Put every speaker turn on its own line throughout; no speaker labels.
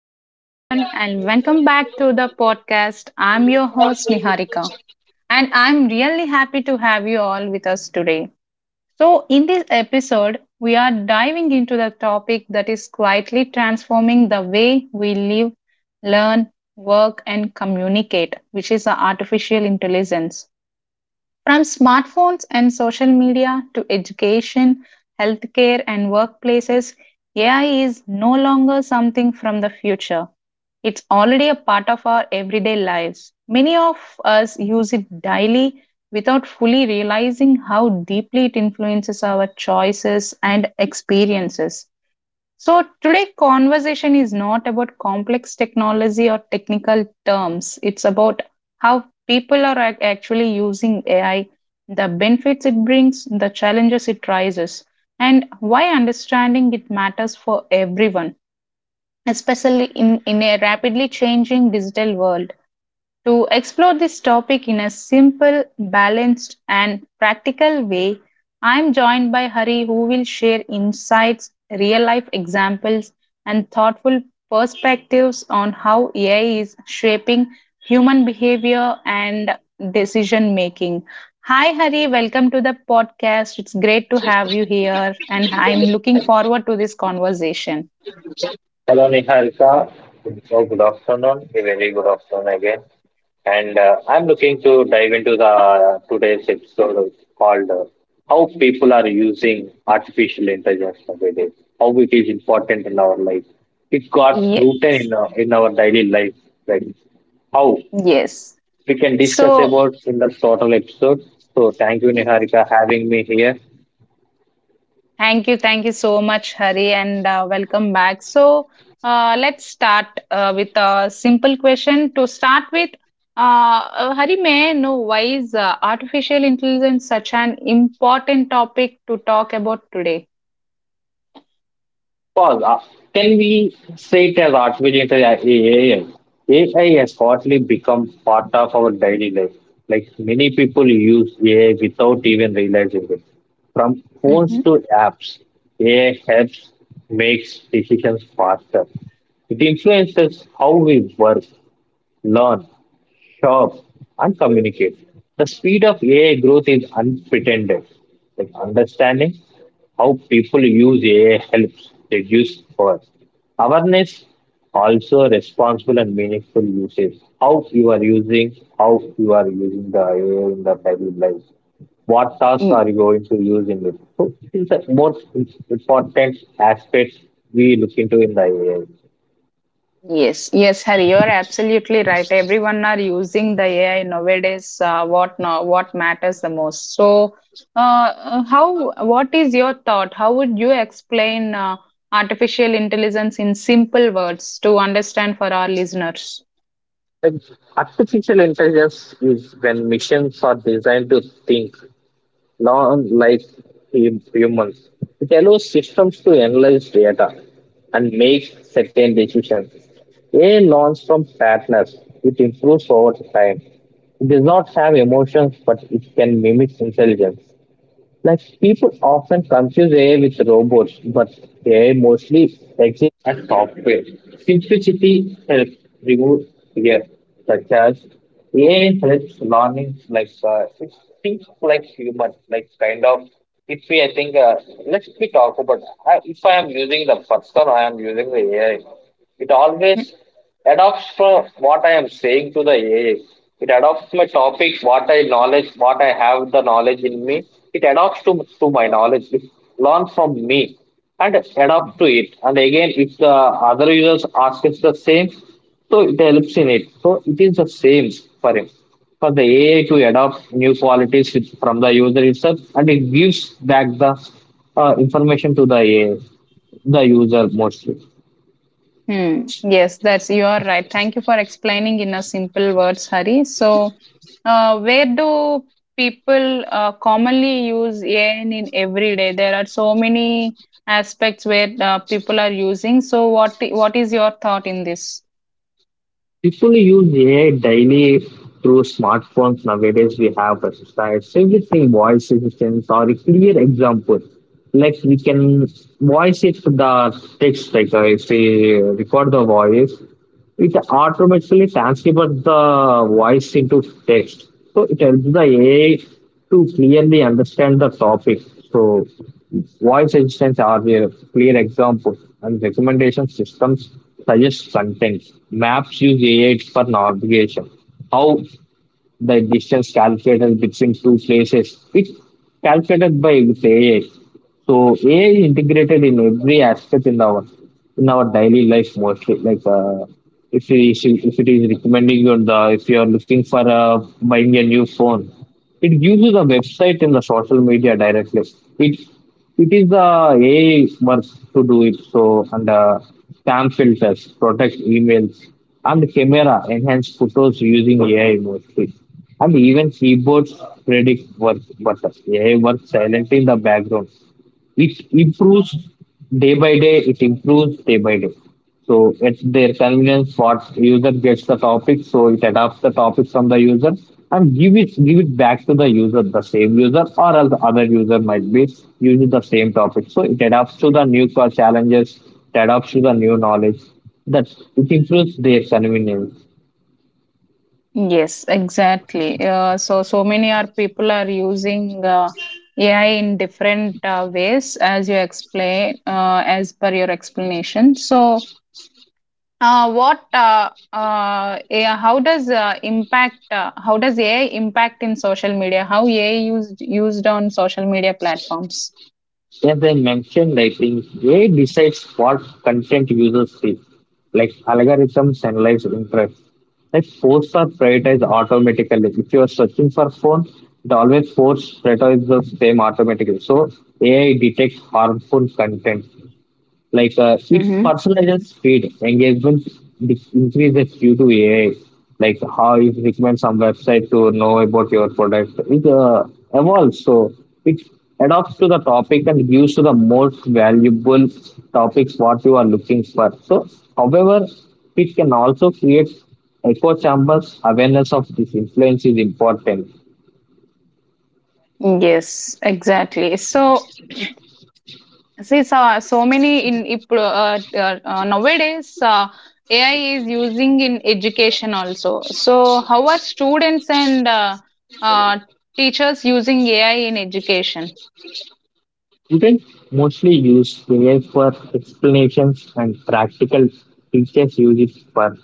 Hello, everyone, and welcome back to the podcast. I'm your host, Niharika, and I'm really happy to have you all with us today. So, in this episode, we are diving into the topic that is quietly transforming the way we live, learn, work, and communicate, which is the artificial intelligence. From smartphones and social media to education, healthcare, and workplaces, AI is no longer something from the future. It's already a part of our everyday lives. Many of us use it daily without fully realizing how deeply it influences our choices and experiences. So, today conversation is not about complex technology or technical terms. It's about how people are actually using AI, the benefits it brings, the challenges it raises, and why understanding it matters for everyone especially in a rapidly changing digital world. To explore this topic in a simple, balanced, and practical way, I'm joined by Hari, who will share insights, real life examples, and thoughtful perspectives on how AI is shaping human behavior and decision making. Hi, Hari, welcome to the podcast. It's great to have you here, and I'm looking forward to this conversation.
Hello, Niharika. So, good afternoon. A very good afternoon again. And I'm looking to dive into the today's episode called "How People Are Using Artificial Intelligence Nowadays." How it is important in our life. It got
Ye-
rooted in in our daily life. Right? How
yes.
we can discuss
So,
about in the total episode. So, thank you, Niharika, having me here.
thank you so much, Hari, and welcome back. So, let's start with a simple question. To start with, Hari, may I know why is artificial intelligence such an important topic to talk about today?
Pause. Can we say it as artificial intelligence? AI? AI has hardly become part of our daily life. Like many people use AI without even realizing it. From phones
Mm-hmm.
to apps, AI helps makes decisions faster. It influences how we work, learn, shop, and communicate. The speed of AI growth is unprecedented. Like understanding how people use AI helps reduce cost. Awareness also responsible and meaningful usage. How you are using, how you are using the AI in the daily life. What tasks are you going to use in it? So it is the most important aspects we look into in the AI.
Yes, yes, Harry, you are absolutely right. Everyone are using the AI nowadays. What now? What matters the most? So, how? What is your thought? How would you explain artificial intelligence in simple words to understand for our listeners?
Like, artificial intelligence is when machines are designed to think, not like humans. It allows systems to analyze data and make certain decisions. AI learns from patterns. It improves over time. It does not have emotions, but it can mimic intelligence. Like people often confuse AI with robots, but AI mostly exists as software. Simplicity helps remove fear, such as AI helps learning like it thinks like human, like kind of. If we, I think, let's we talk about if I am using the person, I am using the AI. It always adopts for what I am saying to the AI. It adopts my topic, what I knowledge, what I have the knowledge in me. It adopts to my knowledge. It learns from me and adapt to it. And again, if the other users ask us the same, so it helps in it. So it is the same for him. For the AI to adopt new qualities from the user itself, and it gives back the information to the AI, the user mostly.
Hmm. Yes, that's you are right. Thank you for explaining in a simple words, Hari. So, where do people commonly use AI in every day? There are so many aspects where people are using. So, what is your thought in this?
People use AI daily through smartphones nowadays. We have websites, everything, voice assistants or a clear example. Like we can voice it to the text, like if we record the voice, it automatically transcribes the voice into text. So it helps the AI to clearly understand the topic. So voice assistants are a clear example, and recommendation systems suggest content. Maps use AI for navigation. How the distance calculated between two places. It's calculated by with AI. So AI is integrated in every aspect in our daily life mostly. Like if it is recommending you on the if you are looking for buying a new phone, it gives you the website and the social media directly. It it is the AI work to do it. So and spam filters, protect emails, and camera enhance photos using AI mostly. And even keyboards predict work buttons. AI works silently in the background. It improves day by day. So it's their convenience what user gets the topic, so it adapts the topic from the user and give it back to the user, the same user or else other user might be using the same topic. So it adapts to the new core challenges, it adapts to the new knowledge. That it improves their convenience.
Yes, exactly. So, so many are people are using AI in different ways, as you explain, as per your explanation. So. What AI, how does impact How does AI impact in social media? How AI used on social media platforms?
As I mentioned, I think AI decides what content users see, like algorithms analyze interest. Like posts are prioritized automatically. If you are searching for phone, it always posts prioritize the same automatically. So AI detects harmful content. Like it
Mm-hmm.
personalizes feed engagement increases due to AI. Like how it recommends some website to know about your product. It evolves, so it adapts to the topic and gives to the most valuable topics what you are looking for. So, however, it can also create echo chambers. Awareness of this influence is important.
Yes, exactly. So, see, so, so many in if, nowadays AI is using in education also. So, how are students and uh, teachers using AI in education?
Students mostly use figures for explanations and practical teachers use it for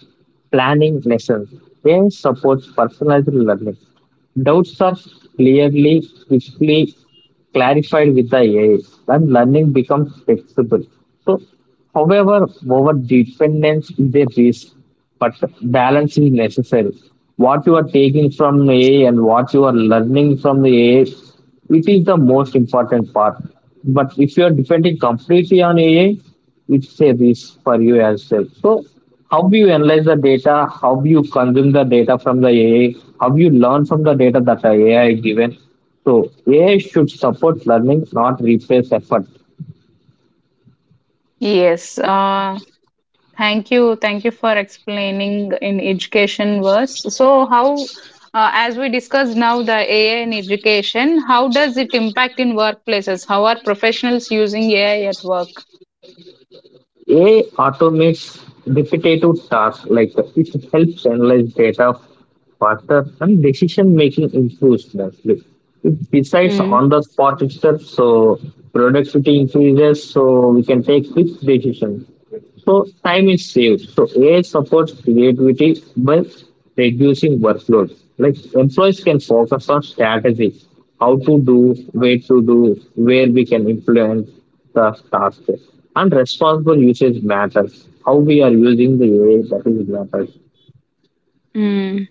planning lessons. They support personalized learning. Doubts are clearly, quickly clarified with the AI and learning becomes flexible. So, however, over dependence is a risk, but balance is necessary. What you are taking from AI and what you are learning from the AI which is the most important part. But if you are depending completely on AI, it's a risk for you as well. So, how do you analyze the data? How do you consume the data from the AI? How do you learn from the data that the AI is given? So, AI should support learning, not replace effort.
Yes. Thank you for explaining in education was. So how, as we discussed now the AI in education, how does it impact in workplaces? How are professionals using AI at work?
AI automates repetitive tasks like it helps analyze data faster and decision making improves mostly. It decides
Mm,
on the spot itself, so productivity increases, so we can take quick decisions. So time is saved. So AI supports creativity by reducing workload. Like employees can focus on strategy, how to do, where we can influence the task. And responsible usage matters. How we are using the AI that is matters.
mm,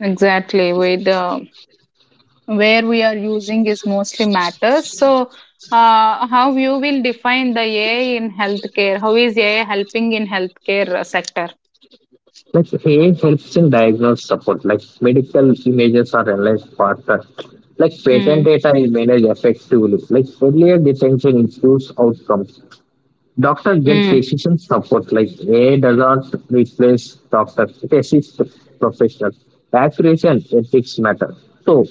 Exactly, with where we are using is mostly matters. So, how you will define the AI in healthcare? How is AI helping in healthcare sector?
Like AI helps in diagnose support. Like medical images are analyzed faster. Like patent
mm,
data is managed effectively. Like earlier detection improves outcomes. Doctor get
mm,
decision support like AI does not replace doctor, it assists the professional. Accuracy and ethics matter. So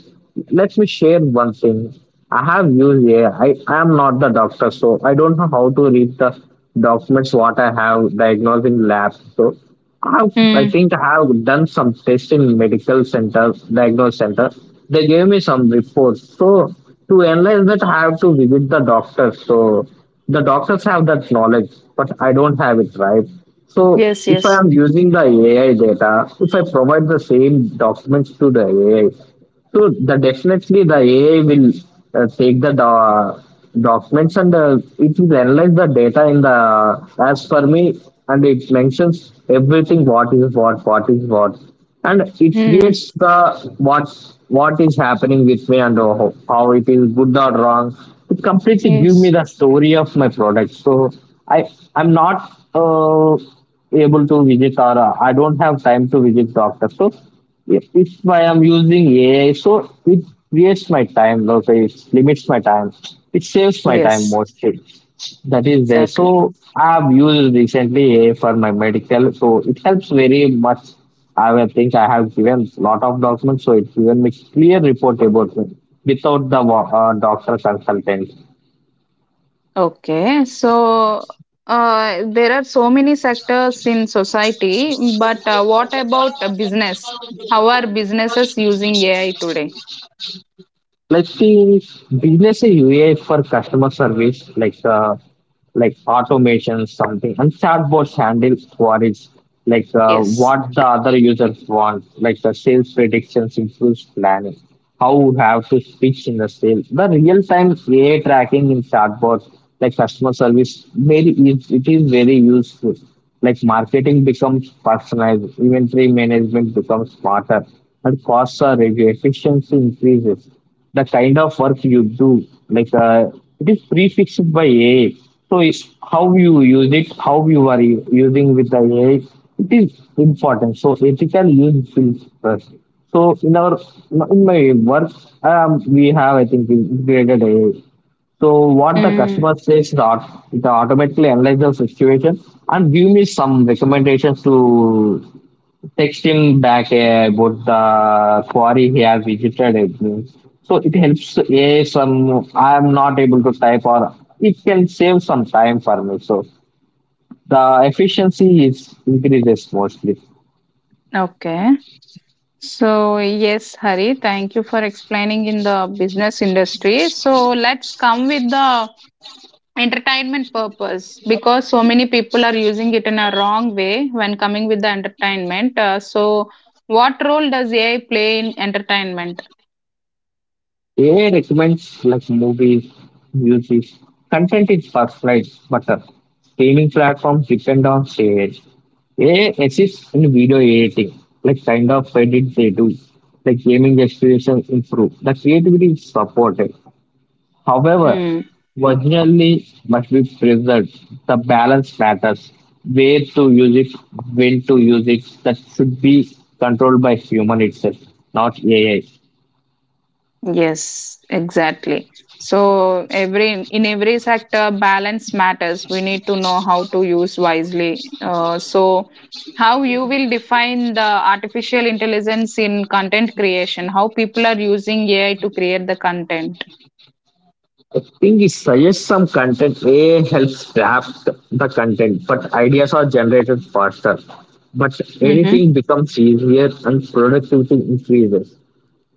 let me share one thing. I have used AI. I am not the doctor, so I don't know how to read the documents what I have diagnosing lab. So I
mm,
think I have done some tests in medical center, diagnostic center. They gave me some reports. So to analyze that, I have to visit the doctor. So the doctors have that knowledge, but I don't have it, right? So
Yes,
if I
yes,
am using the AI data, if I provide the same documents to the AI, so the definitely the AI will take the documents and it will analyze the data in the as per me and it mentions everything what is what and it
mm.
creates the what what is happening with me and how it is good or wrong. It completely give me
Yes,
the story of my product. So I I'm not uh, able to visit or I don't have time to visit doctor. So if I am using AI, so it creates my time, okay, it limits my time, it saves my time
yes.
mostly. That is there.
Exactly.
So I've used recently AI for my medical, so it helps very much. I will think I have given lot of documents, so it's given me clear report about me without the doctor consultant.
Okay. So there are so many sectors in society, but what about business? How are businesses using AI today?
Let's see business U a UA for customer service like automation something and chatbots handle queries like
Yes.
what the other users want like the sales predictions improves planning how you have to pitch in the sale the real time AI tracking in chatbots like customer service very is it is very useful like marketing becomes personalized inventory management becomes smarter and costs are reduced efficiency increases the kind of work you do like it is prefixed by AI so it, how you use it how you are using with the AI it is important so ethical use feels first so in our in my work we have I think integrated AI so what the
Mm,
customer says it automatically analyze the situation and give me some recommendations to texting back about the quarry he has visited. Everything. So it helps a some I'm not able to type or it can save some time for me. So the efficiency is increases mostly.
okay. So, yes, Hari, thank you for explaining in the business industry. So, let's come with the entertainment purpose because so many people are using it in a wrong way when coming with the entertainment. So, what role does AI play in entertainment?
AI recommends like movies, music, content is first right, but the streaming platforms depend on AI. AI assists in video editing, like kind of edit they do, like gaming experience improve. The creativity is supported. However,
Mm,
originally must be preserved. The balance matters. Where to use it, when to use it, that should be controlled by human itself, not AI. I
yes, exactly. So every in every sector, balance matters. We need to know how to use wisely. So how you will define the artificial intelligence in content creation? How people are using AI to create the content?
I think it suggests some content. AI helps draft the content, but ideas are generated faster. But
Mm-hmm.
editing becomes easier and productivity increases.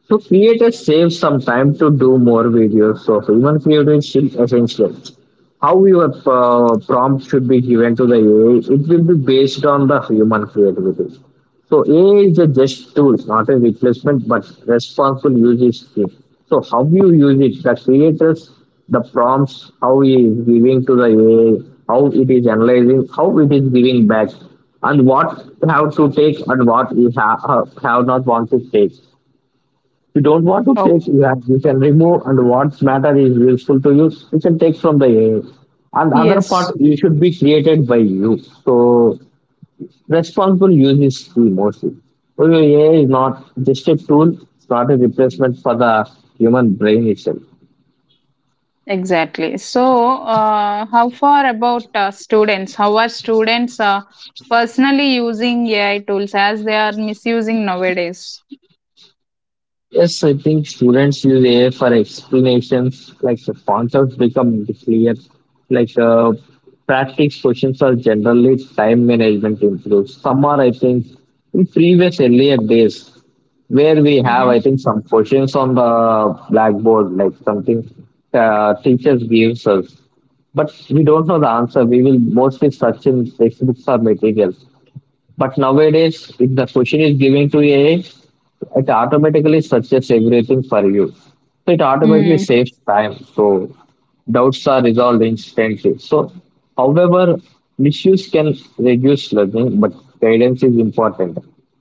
So creators save some time to do more videos. So human creativity is essential. How your prompt should be given to the AI, it will be based on the human creativity. So AI is a just tool, not a replacement, but responsible use is key. So how you use it, the creators, the prompts, how he is giving to the AI, how it is analyzing, how it is giving back, and what have to take and what you have not want to take you don't want to
Oh,
take you can remove and what matter is useful to you you can take from the AI. And other
yes,
part you should be created by you, so responsible use is key mostly. So your AI is not just a tool, it's not a replacement for the human brain itself.
exactly. So how far about students? How are students personally using AI tools as they are misusing nowadays?
Yes, I think students use AI for explanations, like the concepts become clear, like uh, practice questions are generally time management improves. Some are, I think, in previous earlier days where we have, I
Mm-hmm.
think, some questions on the blackboard, like something teachers gives us, but we don't know the answer. We will mostly search in textbooks or materials. But nowadays, if the question is given to AI, it automatically searches everything for you. So it automatically
Hmm.
saves time. So doubts are resolved instantly. So, however, misuse can reduce learning, but guidance is important.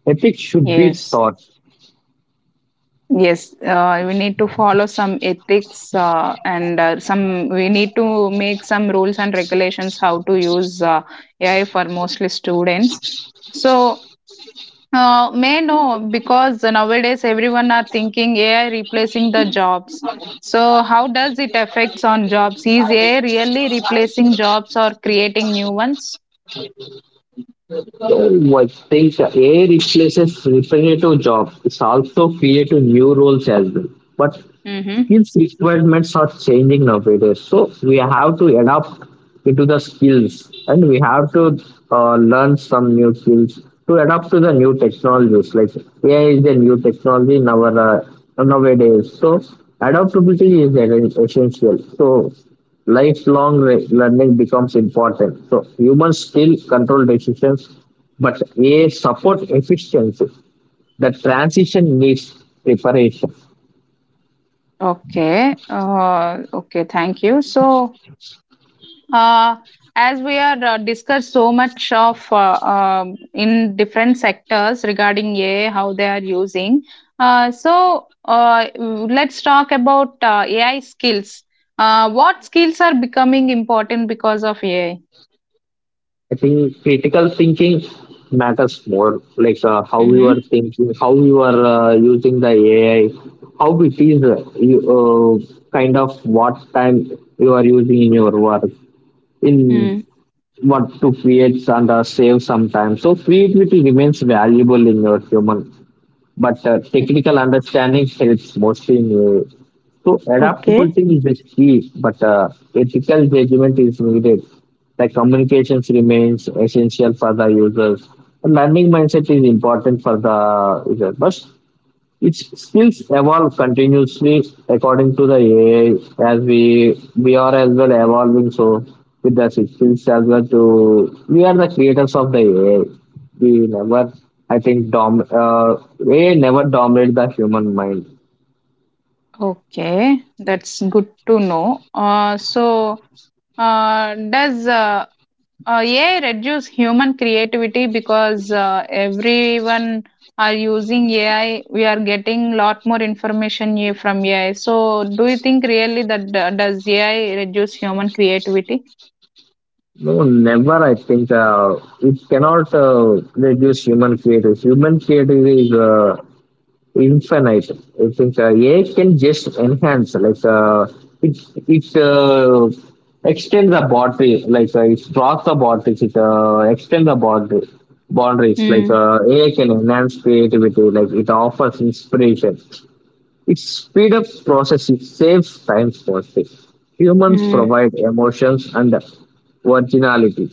Ethics should be
Yes,
taught.
yes. We need to follow some ethics and some. We need to make some rules and regulations how to use AI for mostly students. So may I know because nowadays everyone are thinking AI replacing the jobs. So how does it affects on jobs? Is AI really replacing jobs or creating new ones?
Oh, I think AI replaces repetitive jobs. It's also creating new roles as well. But
Mm-hmm.
skills requirements are changing nowadays. So we have to adapt into the skills and we have to learn some new skills to adapt to the new technologies. Like AI is a new technology in our nowadays. So essential. So learning becomes important. So humans still control decisions, but a support efficiency. The transition needs preparation.
Okay. Thank you. So. Uh, as we are discussed so much of in different sectors regarding AI, how they are using. So let's talk about AI skills. What skills are becoming important because of AI?
I think critical thinking matters more, like how you
Mm-hmm.
are thinking, how you are using the AI, how it is kind of what time you are using in your work, in
Mm.
what to create and save some time. So creativity remains valuable in your human, but technical understanding helps mostly in so
Okay.
adaptability is the key, but ethical judgment is needed. Like communications remains essential for the users. Learning mindset is important for the user, but it skills evolve continuously according to the AI as we are as well evolving, so with the skills as well to we are the creators of the AI. We never, I think dom AI never dominate the human mind.
Okay, that's good to know. So, does AI reduce human creativity because everyone are using AI. We are getting lot more information from AI. So, do you think really that does AI reduce human creativity?
No, never. I think it cannot reduce human creativity. Human creativity is infinite. I think AI can just enhance, like it it extend the boundary, like it cross the boundaries, it extend the boundary boundaries. Like AI can enhance creativity, like it offers inspiration, it speeds up processes, saves time for it. Humans
Mm-hmm.
provide emotions and originality,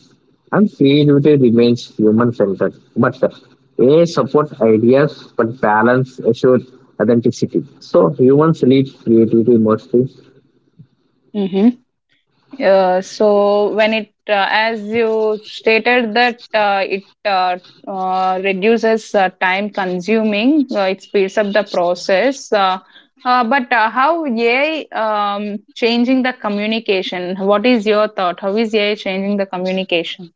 and creativity remains human centered. But AI support ideas, but balance assures authenticity. So humans lead creativity mostly.
So when it as you stated that it reduces time consuming, it speeds up the process, but how AI changing the communication. What is your thought? How is AI changing the communication?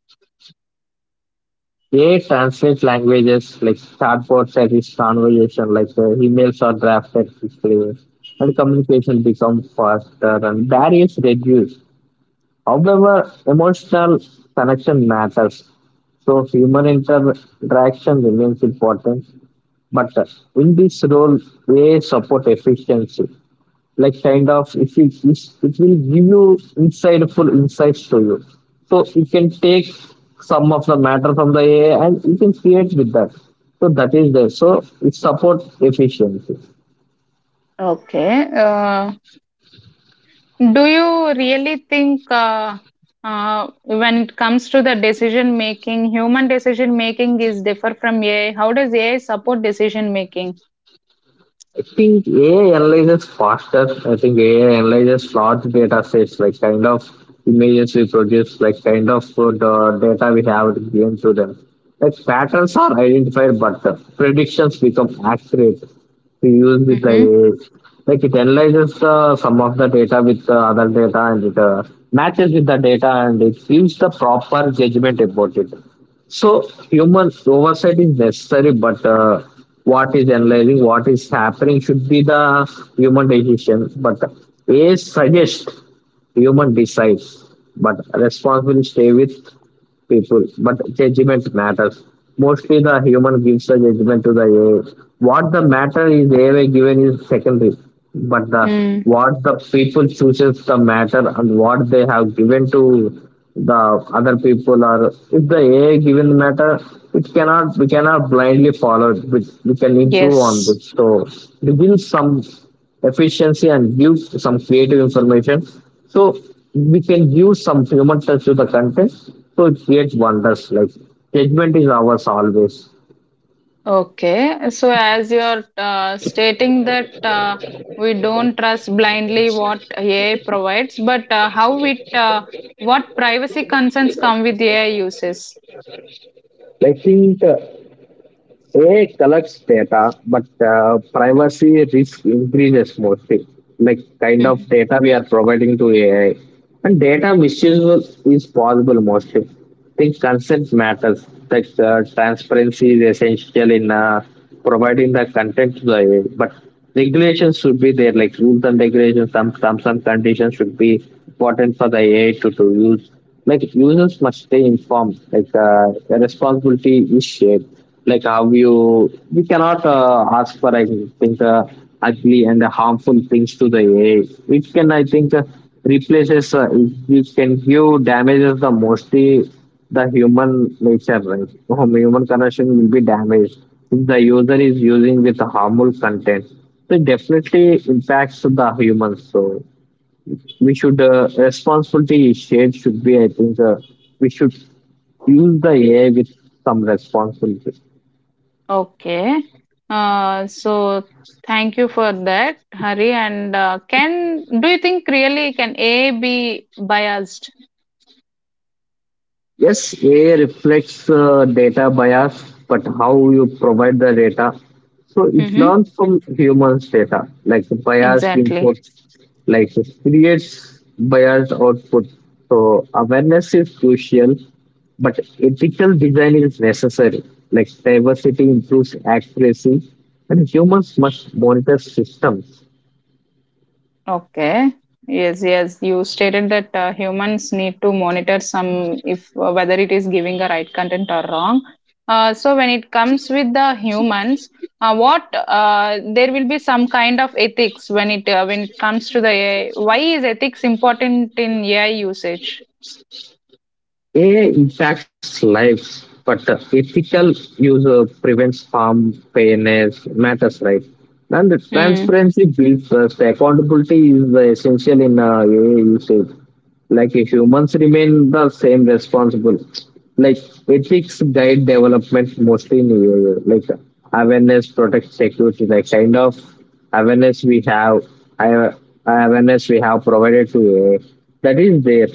AI translates languages like chatbots at its conversation, like emails are drafted quickly, and communication becomes faster and barriers reduced. However, emotional connection matters, so interaction remains important. But in this role, AI support efficiency, like kind of if it is, it will give you insightful insights to you. So you can take some of the matter from the AI and you can create with that. So that is there. So it supports efficiency.
Okay. Do you really think when it comes to the decision making, human decision making is differ from AI. How does AI support decision making?
I think AI analyzes faster. I think AI analyzes large data sets, like kind of images we produce, like kind of the data we have given to them. Like patterns are identified, but the predictions become accurate to use with the
Mm-hmm.
AI. Like it analyzes some of the data with the other data and it matches with the data and it gives the proper judgment about it. So human oversight is necessary, but what is analyzing, what is happening should be the human decision. But AI suggests, human decides. But responsibility stay with people, but judgment matters. Mostly the human gives the judgment to the AI. What the matter is AI given is secondary, but the
Mm,
what the people chooses the matter and what they have given to the other people are if the AI given matter, it cannot we cannot blindly follow it. We can improve on it.
yes.
So it gives some efficiency and give some creative information. So we can give some human touch to the content. So it creates wonders. Like judgment is ours always.
Okay. So, as you're stating that we don't trust blindly what AI provides, but what privacy concerns come with AI uses?
I think AI collects data, but privacy risk increases mostly. Like kind of
Mhm.
data we are providing to AI, and is possible mostly. I think consent matters. Like transparency is essential in providing the content to the AI, but regulations should be there. Like rules and regulations, some terms and conditions should be important for the AI to use. Like users must stay informed. Like responsibility is shared, like how you we cannot ask for I think ugly and harmful things to the AI, which can I think replaces which can give damages the mostly the human nature, right. Human connection will be damaged if the user is using with harmful content. So it definitely impacts the humans. So we should responsibility is shared should be I think we should use the AI with some responsibility.
Okay. So, thank you for that, Hari. And can do you think really can AI be biased?
Yes, AI reflects data bias, but how you provide the data. So it
Mm-hmm.
learns from humans' data, like the biased
Exactly.
input, like it creates biased output. So awareness is crucial, but ethical design is necessary. Like diversity improves accuracy, and humans must monitor systems.
Okay. Yes, yes. You stated that humans need to monitor some if whether it is giving the right content or wrong. So when it comes with the humans, what there will be some kind of ethics when it comes to the AI. Why is ethics important in AI usage?
AI impacts lives, but ethical use prevents harm, fairness matters, right? And the
Hmm.
transparency builds trust. Accountability is the essential in AI usage. Like if humans remain the same responsible, like ethics guide development mostly in AI. Like awareness protects security, like kind of awareness we have, I- awareness we have provided to AI, that is there.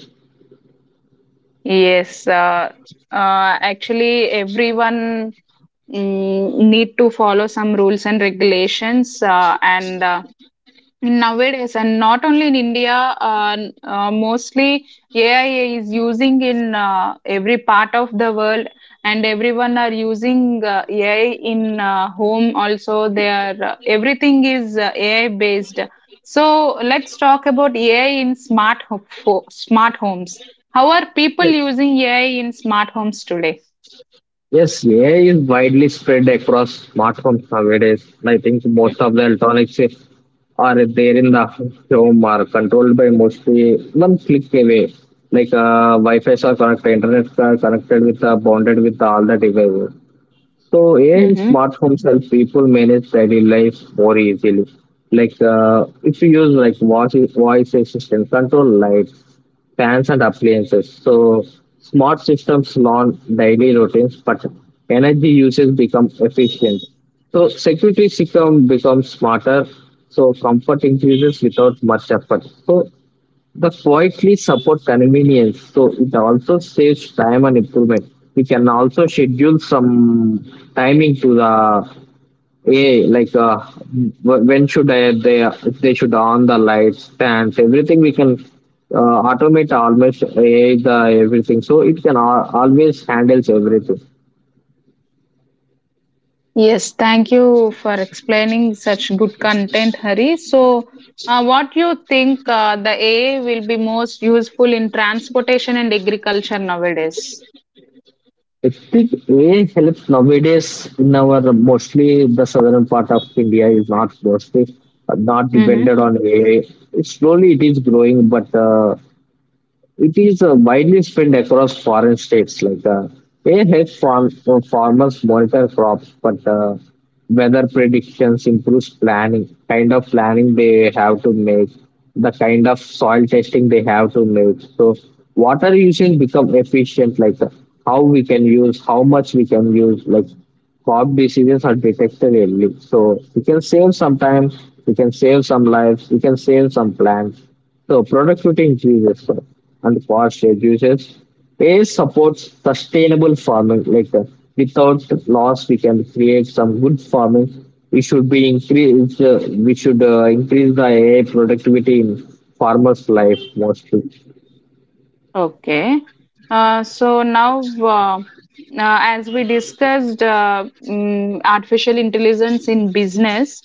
Yes. Actually, everyone mm, need to follow some rules and regulations and. Nowadays, and not only in India, mostly AI is using in every part of the world, and everyone are using AI in home also. They are everything is AI based. So let's talk about AI in smart homes. How are people using AI in smart homes today?
Yes, AI is widely spread across smartphones nowadays. I think most of the electronics are there in the home are controlled by mostly one click away. Like Wi-Fi are connected, internet are connected with bonded with all the devices. So AI in
Mm-hmm.
smartphones help people manage daily life more easily. Like if you use like voice assistant, control lights, fans and appliances. So smart systems learn daily routines, but energy usage becomes efficient. So security system becomes smarter. So comfort increases without much effort. So the quietly support convenience. So it also saves time and improvement. We can also schedule some timing to the, yeah, like when should I, they should on the lights, fans, everything. We can automate almost AI the everything, so it can always handles everything.
Yes, thank you for explaining such good content, Hari. So, what you think the AI will be most useful in transportation and agriculture nowadays?
I think AI helps nowadays in our mostly the southern part of India is not mostly not
Mm-hmm.
dependent on AI. It slowly it is growing, but it is widely spread across foreign states. Like AI helps farmers monitor crops, but weather predictions improves planning, kind of planning they have to make, the kind of soil testing they have to make. So water usage become efficient. Like how we can use, how much we can use, like crop diseases are detected early. So we can save some time, we can save some lives, we can save some plants. So productivity increases and cost reduces. Waste supports sustainable farming. Like without loss, we can create some good farming. We should be increase. We should increase the AI productivity in farmers' life mostly.
Okay. So now, as we discussed, artificial intelligence in business,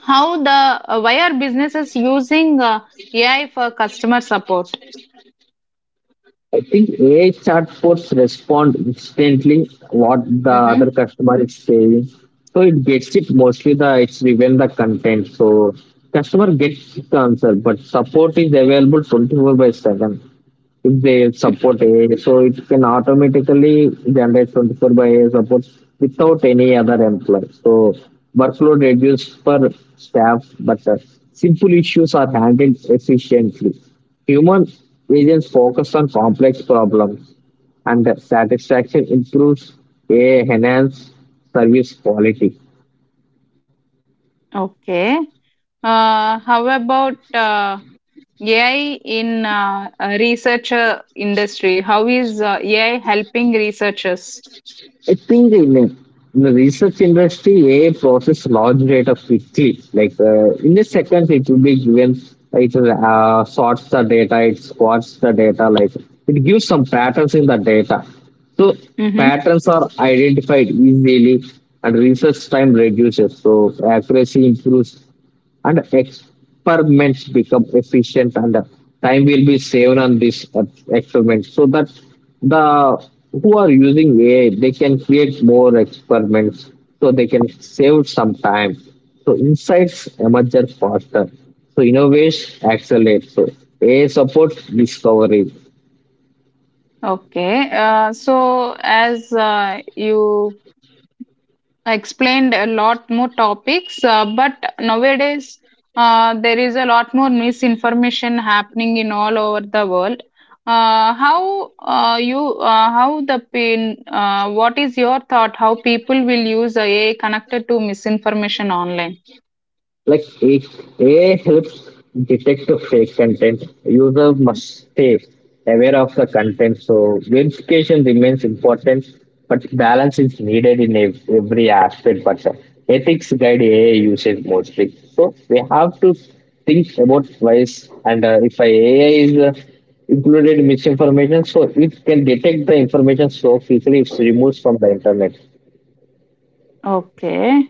how the why are businesses using AI for customer support?
I think AI chatbots respond instantly what the other
Mm-hmm.
customer is saying. So it gets it mostly the it's even the content. So customer gets the answer, but support is available 24 by 7 if they support AI, so it can automatically generate 24 by AI support without any other employee. So workload reduced for staff, but simple issues are handled efficiently. Human agents focus on complex problems, and the satisfaction improves. AI enhance service quality.
Okay. How about AI in researcher industry. How is AI helping researchers?
I think in the research industry, AI process large data quickly. Like in the seconds, it will be given. It sorts the data, it squats the data. Like it gives some patterns in the data. So
Hmm.
patterns are identified easily, and research time reduces. So accuracy improves and experiments become efficient and time will be saved on this experiment, so that the who are using AI they can create more experiments, so they can save some time, so insights emerge faster, so innovation accelerates, so AI supports discovery.
Okay. So as you explained a lot more topics, but nowadays there is a lot more misinformation happening in all over the world. How the pain? What is your thought? How people will use AI connected to misinformation online?
Like A- AI helps detect the fake content. User must stay aware of the content. So verification remains important, but balance is needed in every aspect. But ethics guide AI usage mostly. So we have to think about twice. And if a AI is included misinformation, so it can detect the information so quickly it's removed from the internet.
Okay.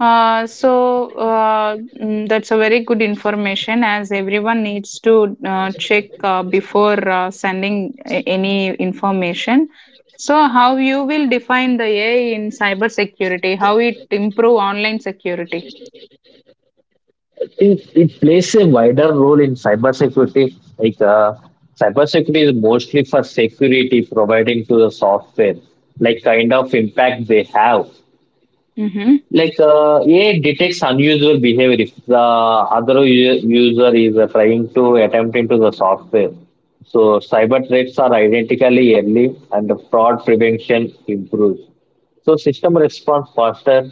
So that's a very good information as everyone needs to check before sending any information. So how you will define the AI in cybersecurity, how it improve online security?
It plays a wider role in cybersecurity. Like cybersecurity is mostly for security providing to the software, like kind of impact they have.
Mm-hmm.
Like AI detects unusual behavior if the other user is trying to attempt into the software. So cyber threats are identically early, and the fraud prevention improves. So system responds faster,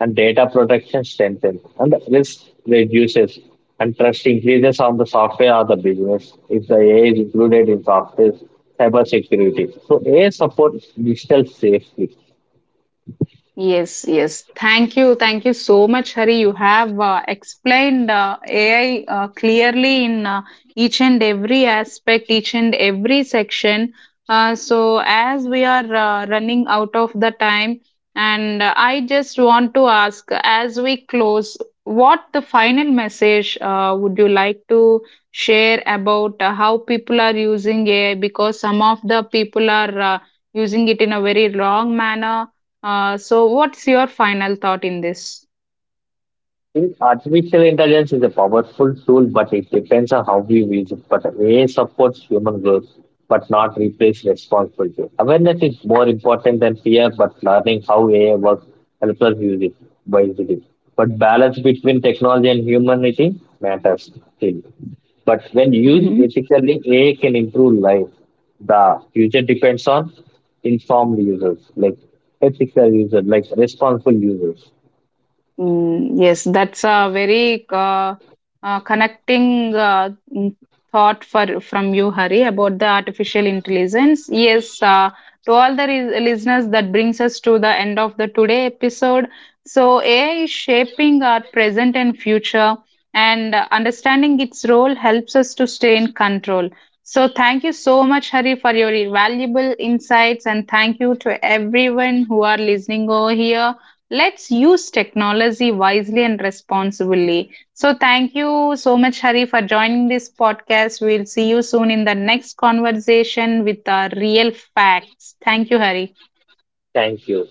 and data protection strengthens, and risk reduces, and trust increases on the software or the business if the AI is included in software cyber security. So AI supports digital safety.
Yes, yes. Thank you so much, Hari. You have explained AI clearly in each and every aspect, each and every section. So, as we are running out of the time, and I just want to ask as we close, what the final message would you like to share about how people are using AI? Because some of the people are using it in a very wrong manner, so, what's your final thought in this?
Think artificial intelligence is a powerful tool, but it depends on how we use it. But AI supports human growth, but not replace responsibility. Awareness is more important than fear, but learning how AI works helps us use it wisely. But balance between technology and humanity matters still. But when used ethically, AI can improve life. The future depends on informed users, like ethical users, like responsible users.
Mm, yes, that's a very connecting mm, thought for from you, Hari, about the artificial intelligence. Yes, to all the listeners, that brings us to the end of the today episode. So AI is shaping our present and future, and understanding its role helps us to stay in control. So thank you so much, Hari, for your valuable insights, and thank you to everyone who are listening over here. Let's use technology wisely and responsibly. So, thank you so much, Hari, for joining this podcast. We'll see you soon in the next conversation with our real facts. Thank you, Hari.
Thank you.